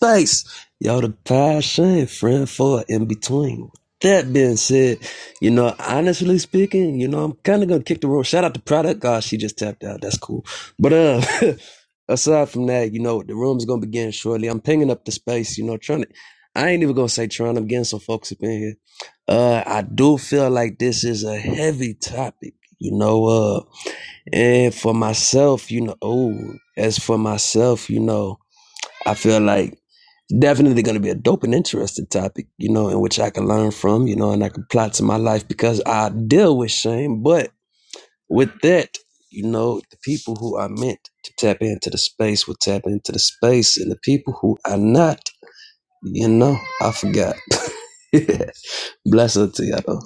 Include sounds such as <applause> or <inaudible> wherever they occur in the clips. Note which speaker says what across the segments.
Speaker 1: Thanks. Yo, the passion, friend for in between. That being said, you know, honestly speaking, you know, I'm kind of gonna kick the road. Shout out to Product God, she just tapped out. That's cool. But uh, <laughs> aside from that, you know, the room is gonna begin shortly. I'm pinging up the space. You know, trying to. I ain't even gonna say trying. I'm getting some folks up in here. Uh, I do feel like this is a heavy topic. You know, uh, and for myself, you know, oh, as for myself, you know, I feel like definitely going to be a dope and interesting topic, you know, in which I can learn from, you know, and I can plot to my life because I deal with shame. But with that, you know, the people who are meant to tap into the space will tap into the space, and the people who are not, you know, I forgot. <laughs> Bless her to you all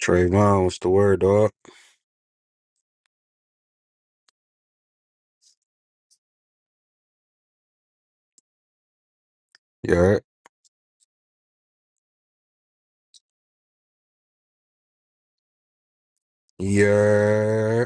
Speaker 2: Trayvon, what's the word, dog? Yeah, yeah.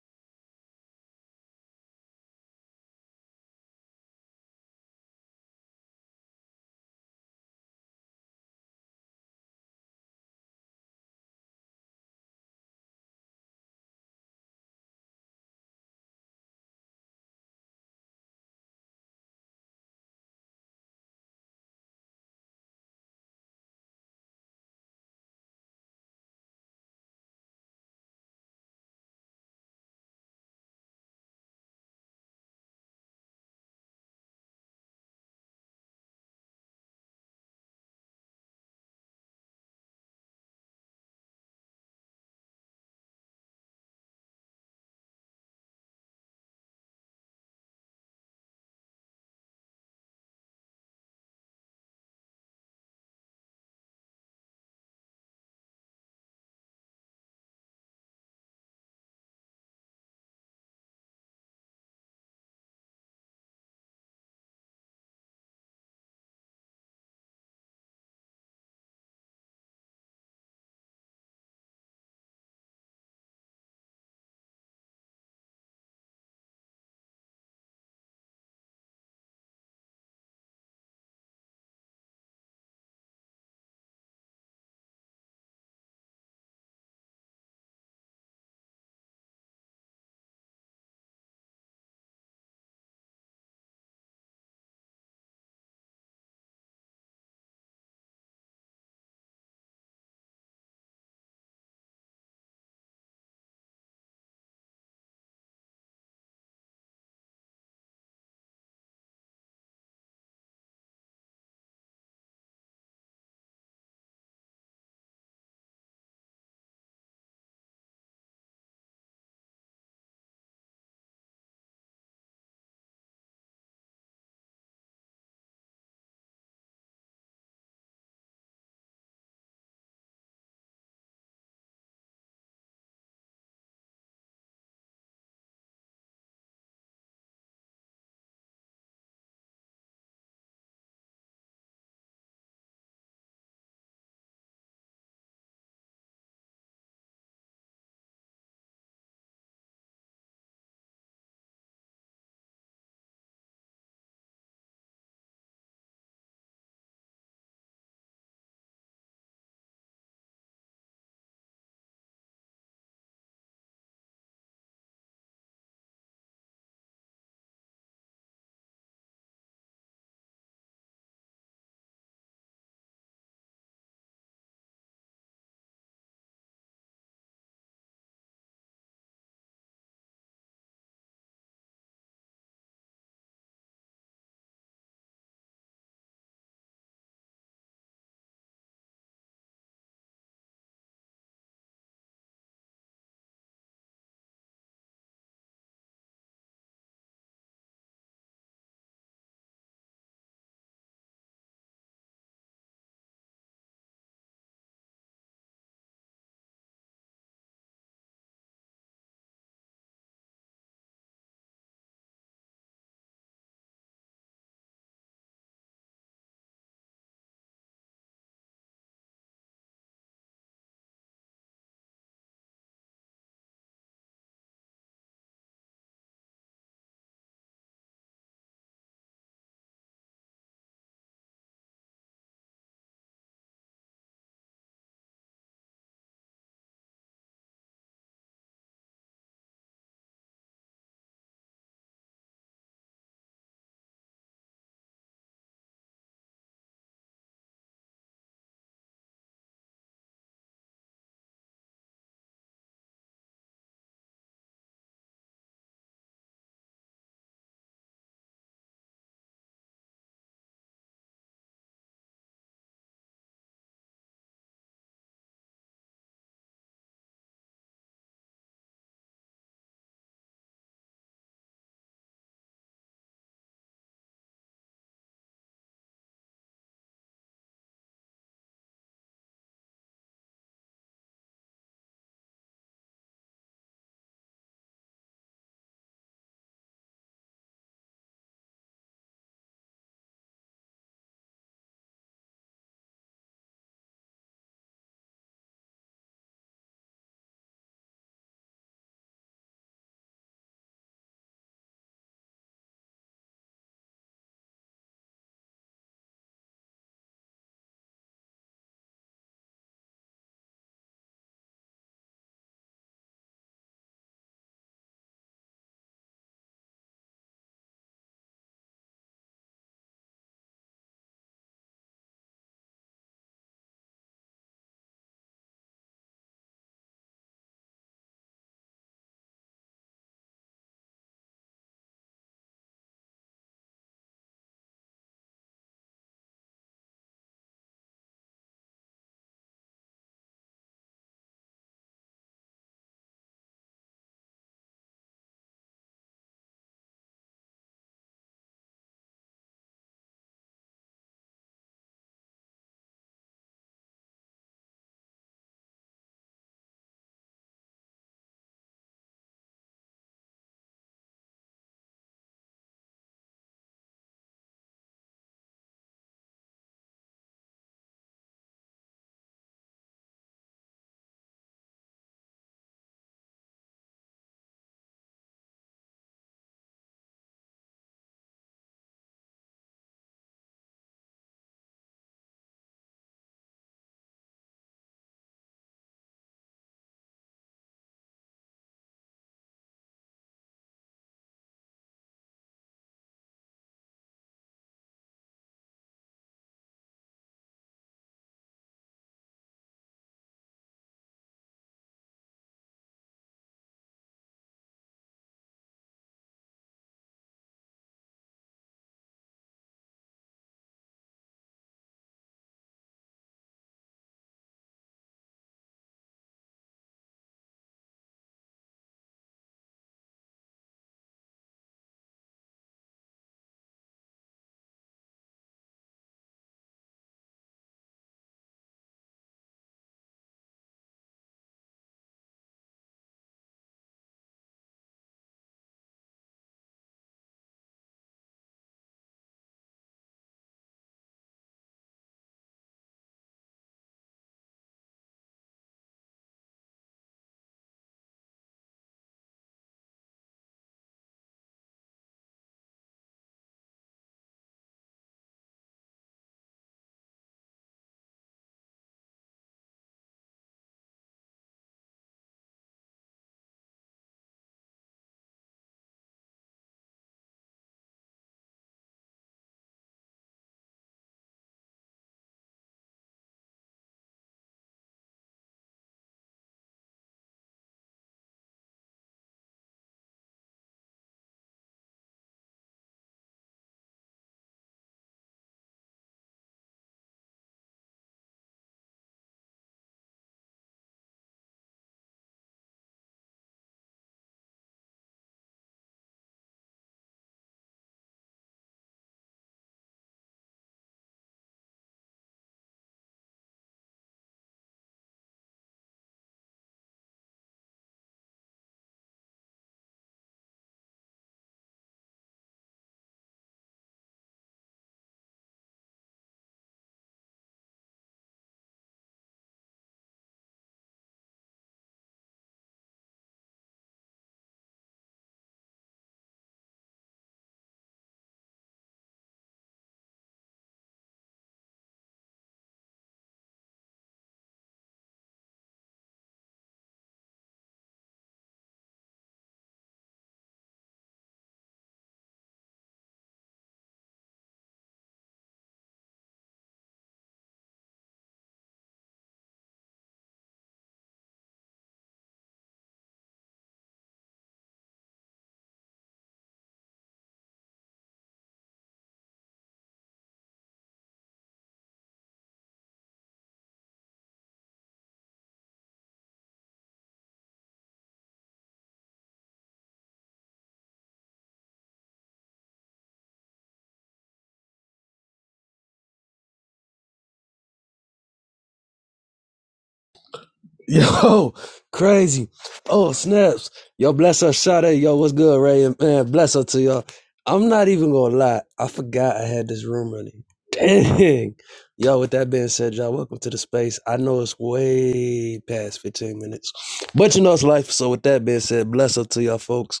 Speaker 1: <laughs> Yo, crazy. Oh, snaps. Yo, bless her, Sade. Yo, what's good, Ray? man, bless her to y'all. I'm not even gonna lie. I forgot I had this room running. Dang. Yo, with that being said, y'all, welcome to the space. I know it's way past 15 minutes, but you know it's life. So with that being said, bless her to y'all folks.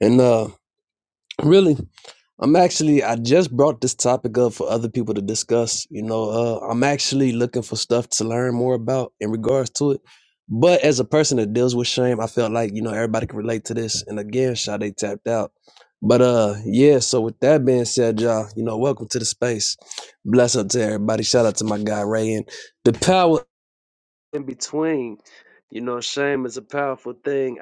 Speaker 1: And uh, really, I'm actually I just brought this topic up for other people to discuss. You know, uh, I'm actually looking for stuff to learn more about in regards to it. But as a person that deals with shame, I felt like you know everybody can relate to this. And again, Sade tapped out. But uh, yeah. So with that being said, y'all, you know, welcome to the space. Bless up to everybody. Shout out to my guy Ray and the power in between. You know, shame is a powerful thing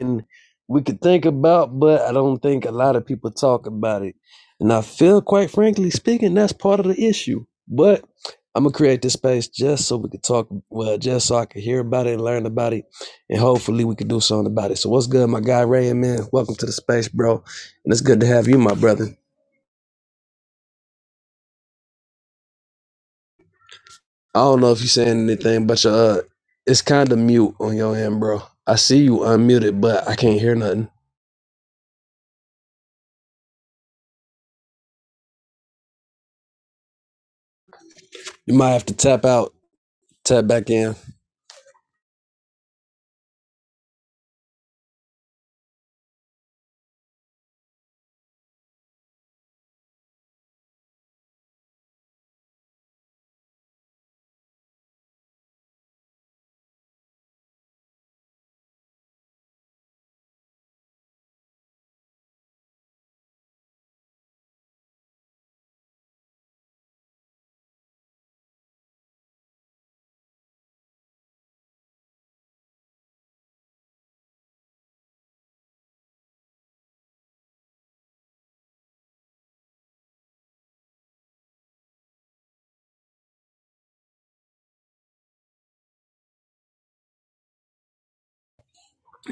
Speaker 1: and we could think about, but I don't think a lot of people talk about it. And I feel, quite frankly speaking, that's part of the issue. But I'm gonna create this space just so we could talk, well, just so I could hear about it and learn about it, and hopefully we could do something about it. So what's good, my guy Ray? Man, welcome to the space, bro. And it's good to have you, my brother. I don't know if you're saying anything, but your uh, it's kind of mute on your end, bro. I see you unmuted, but I can't hear nothing. You might have to tap out, tap back in.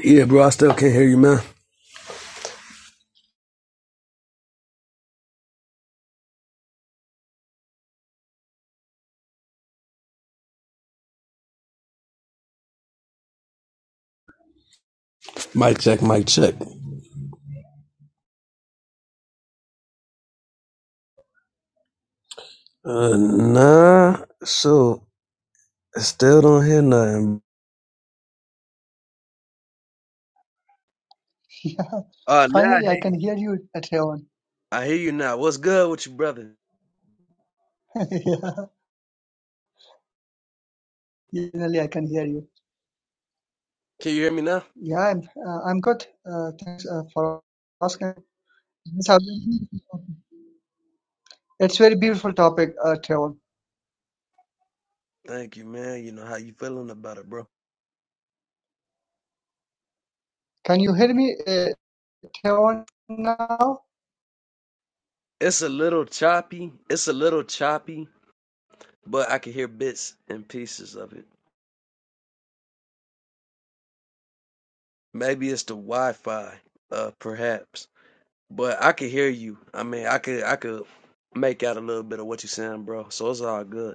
Speaker 1: Yeah, bro, I still can't hear you, man. Mic check, mic check. Uh, nah, so I still don't hear nothing.
Speaker 3: <laughs> Yeah,
Speaker 1: Uh, now I
Speaker 3: finally
Speaker 1: hear
Speaker 3: I can hear you, Theon.
Speaker 1: I hear you now. What's good with you, brother?
Speaker 3: <laughs> yeah, finally I can hear you.
Speaker 1: Can you hear me now?
Speaker 3: Yeah, I'm uh, I'm good. Uh, thanks uh, for asking. This has been- It's very beautiful topic, uh, Theon.
Speaker 1: Thank you, man. You know how you feeling about it, bro?
Speaker 3: Can you hear me, uh, Theon, now?
Speaker 1: It's a little choppy. It's a little choppy, but I can hear bits and pieces of it. Maybe it's the Wi-Fi, uh, perhaps. But I can hear you. I mean, I could, I could make out a little bit of what you're saying, bro. So it's all good.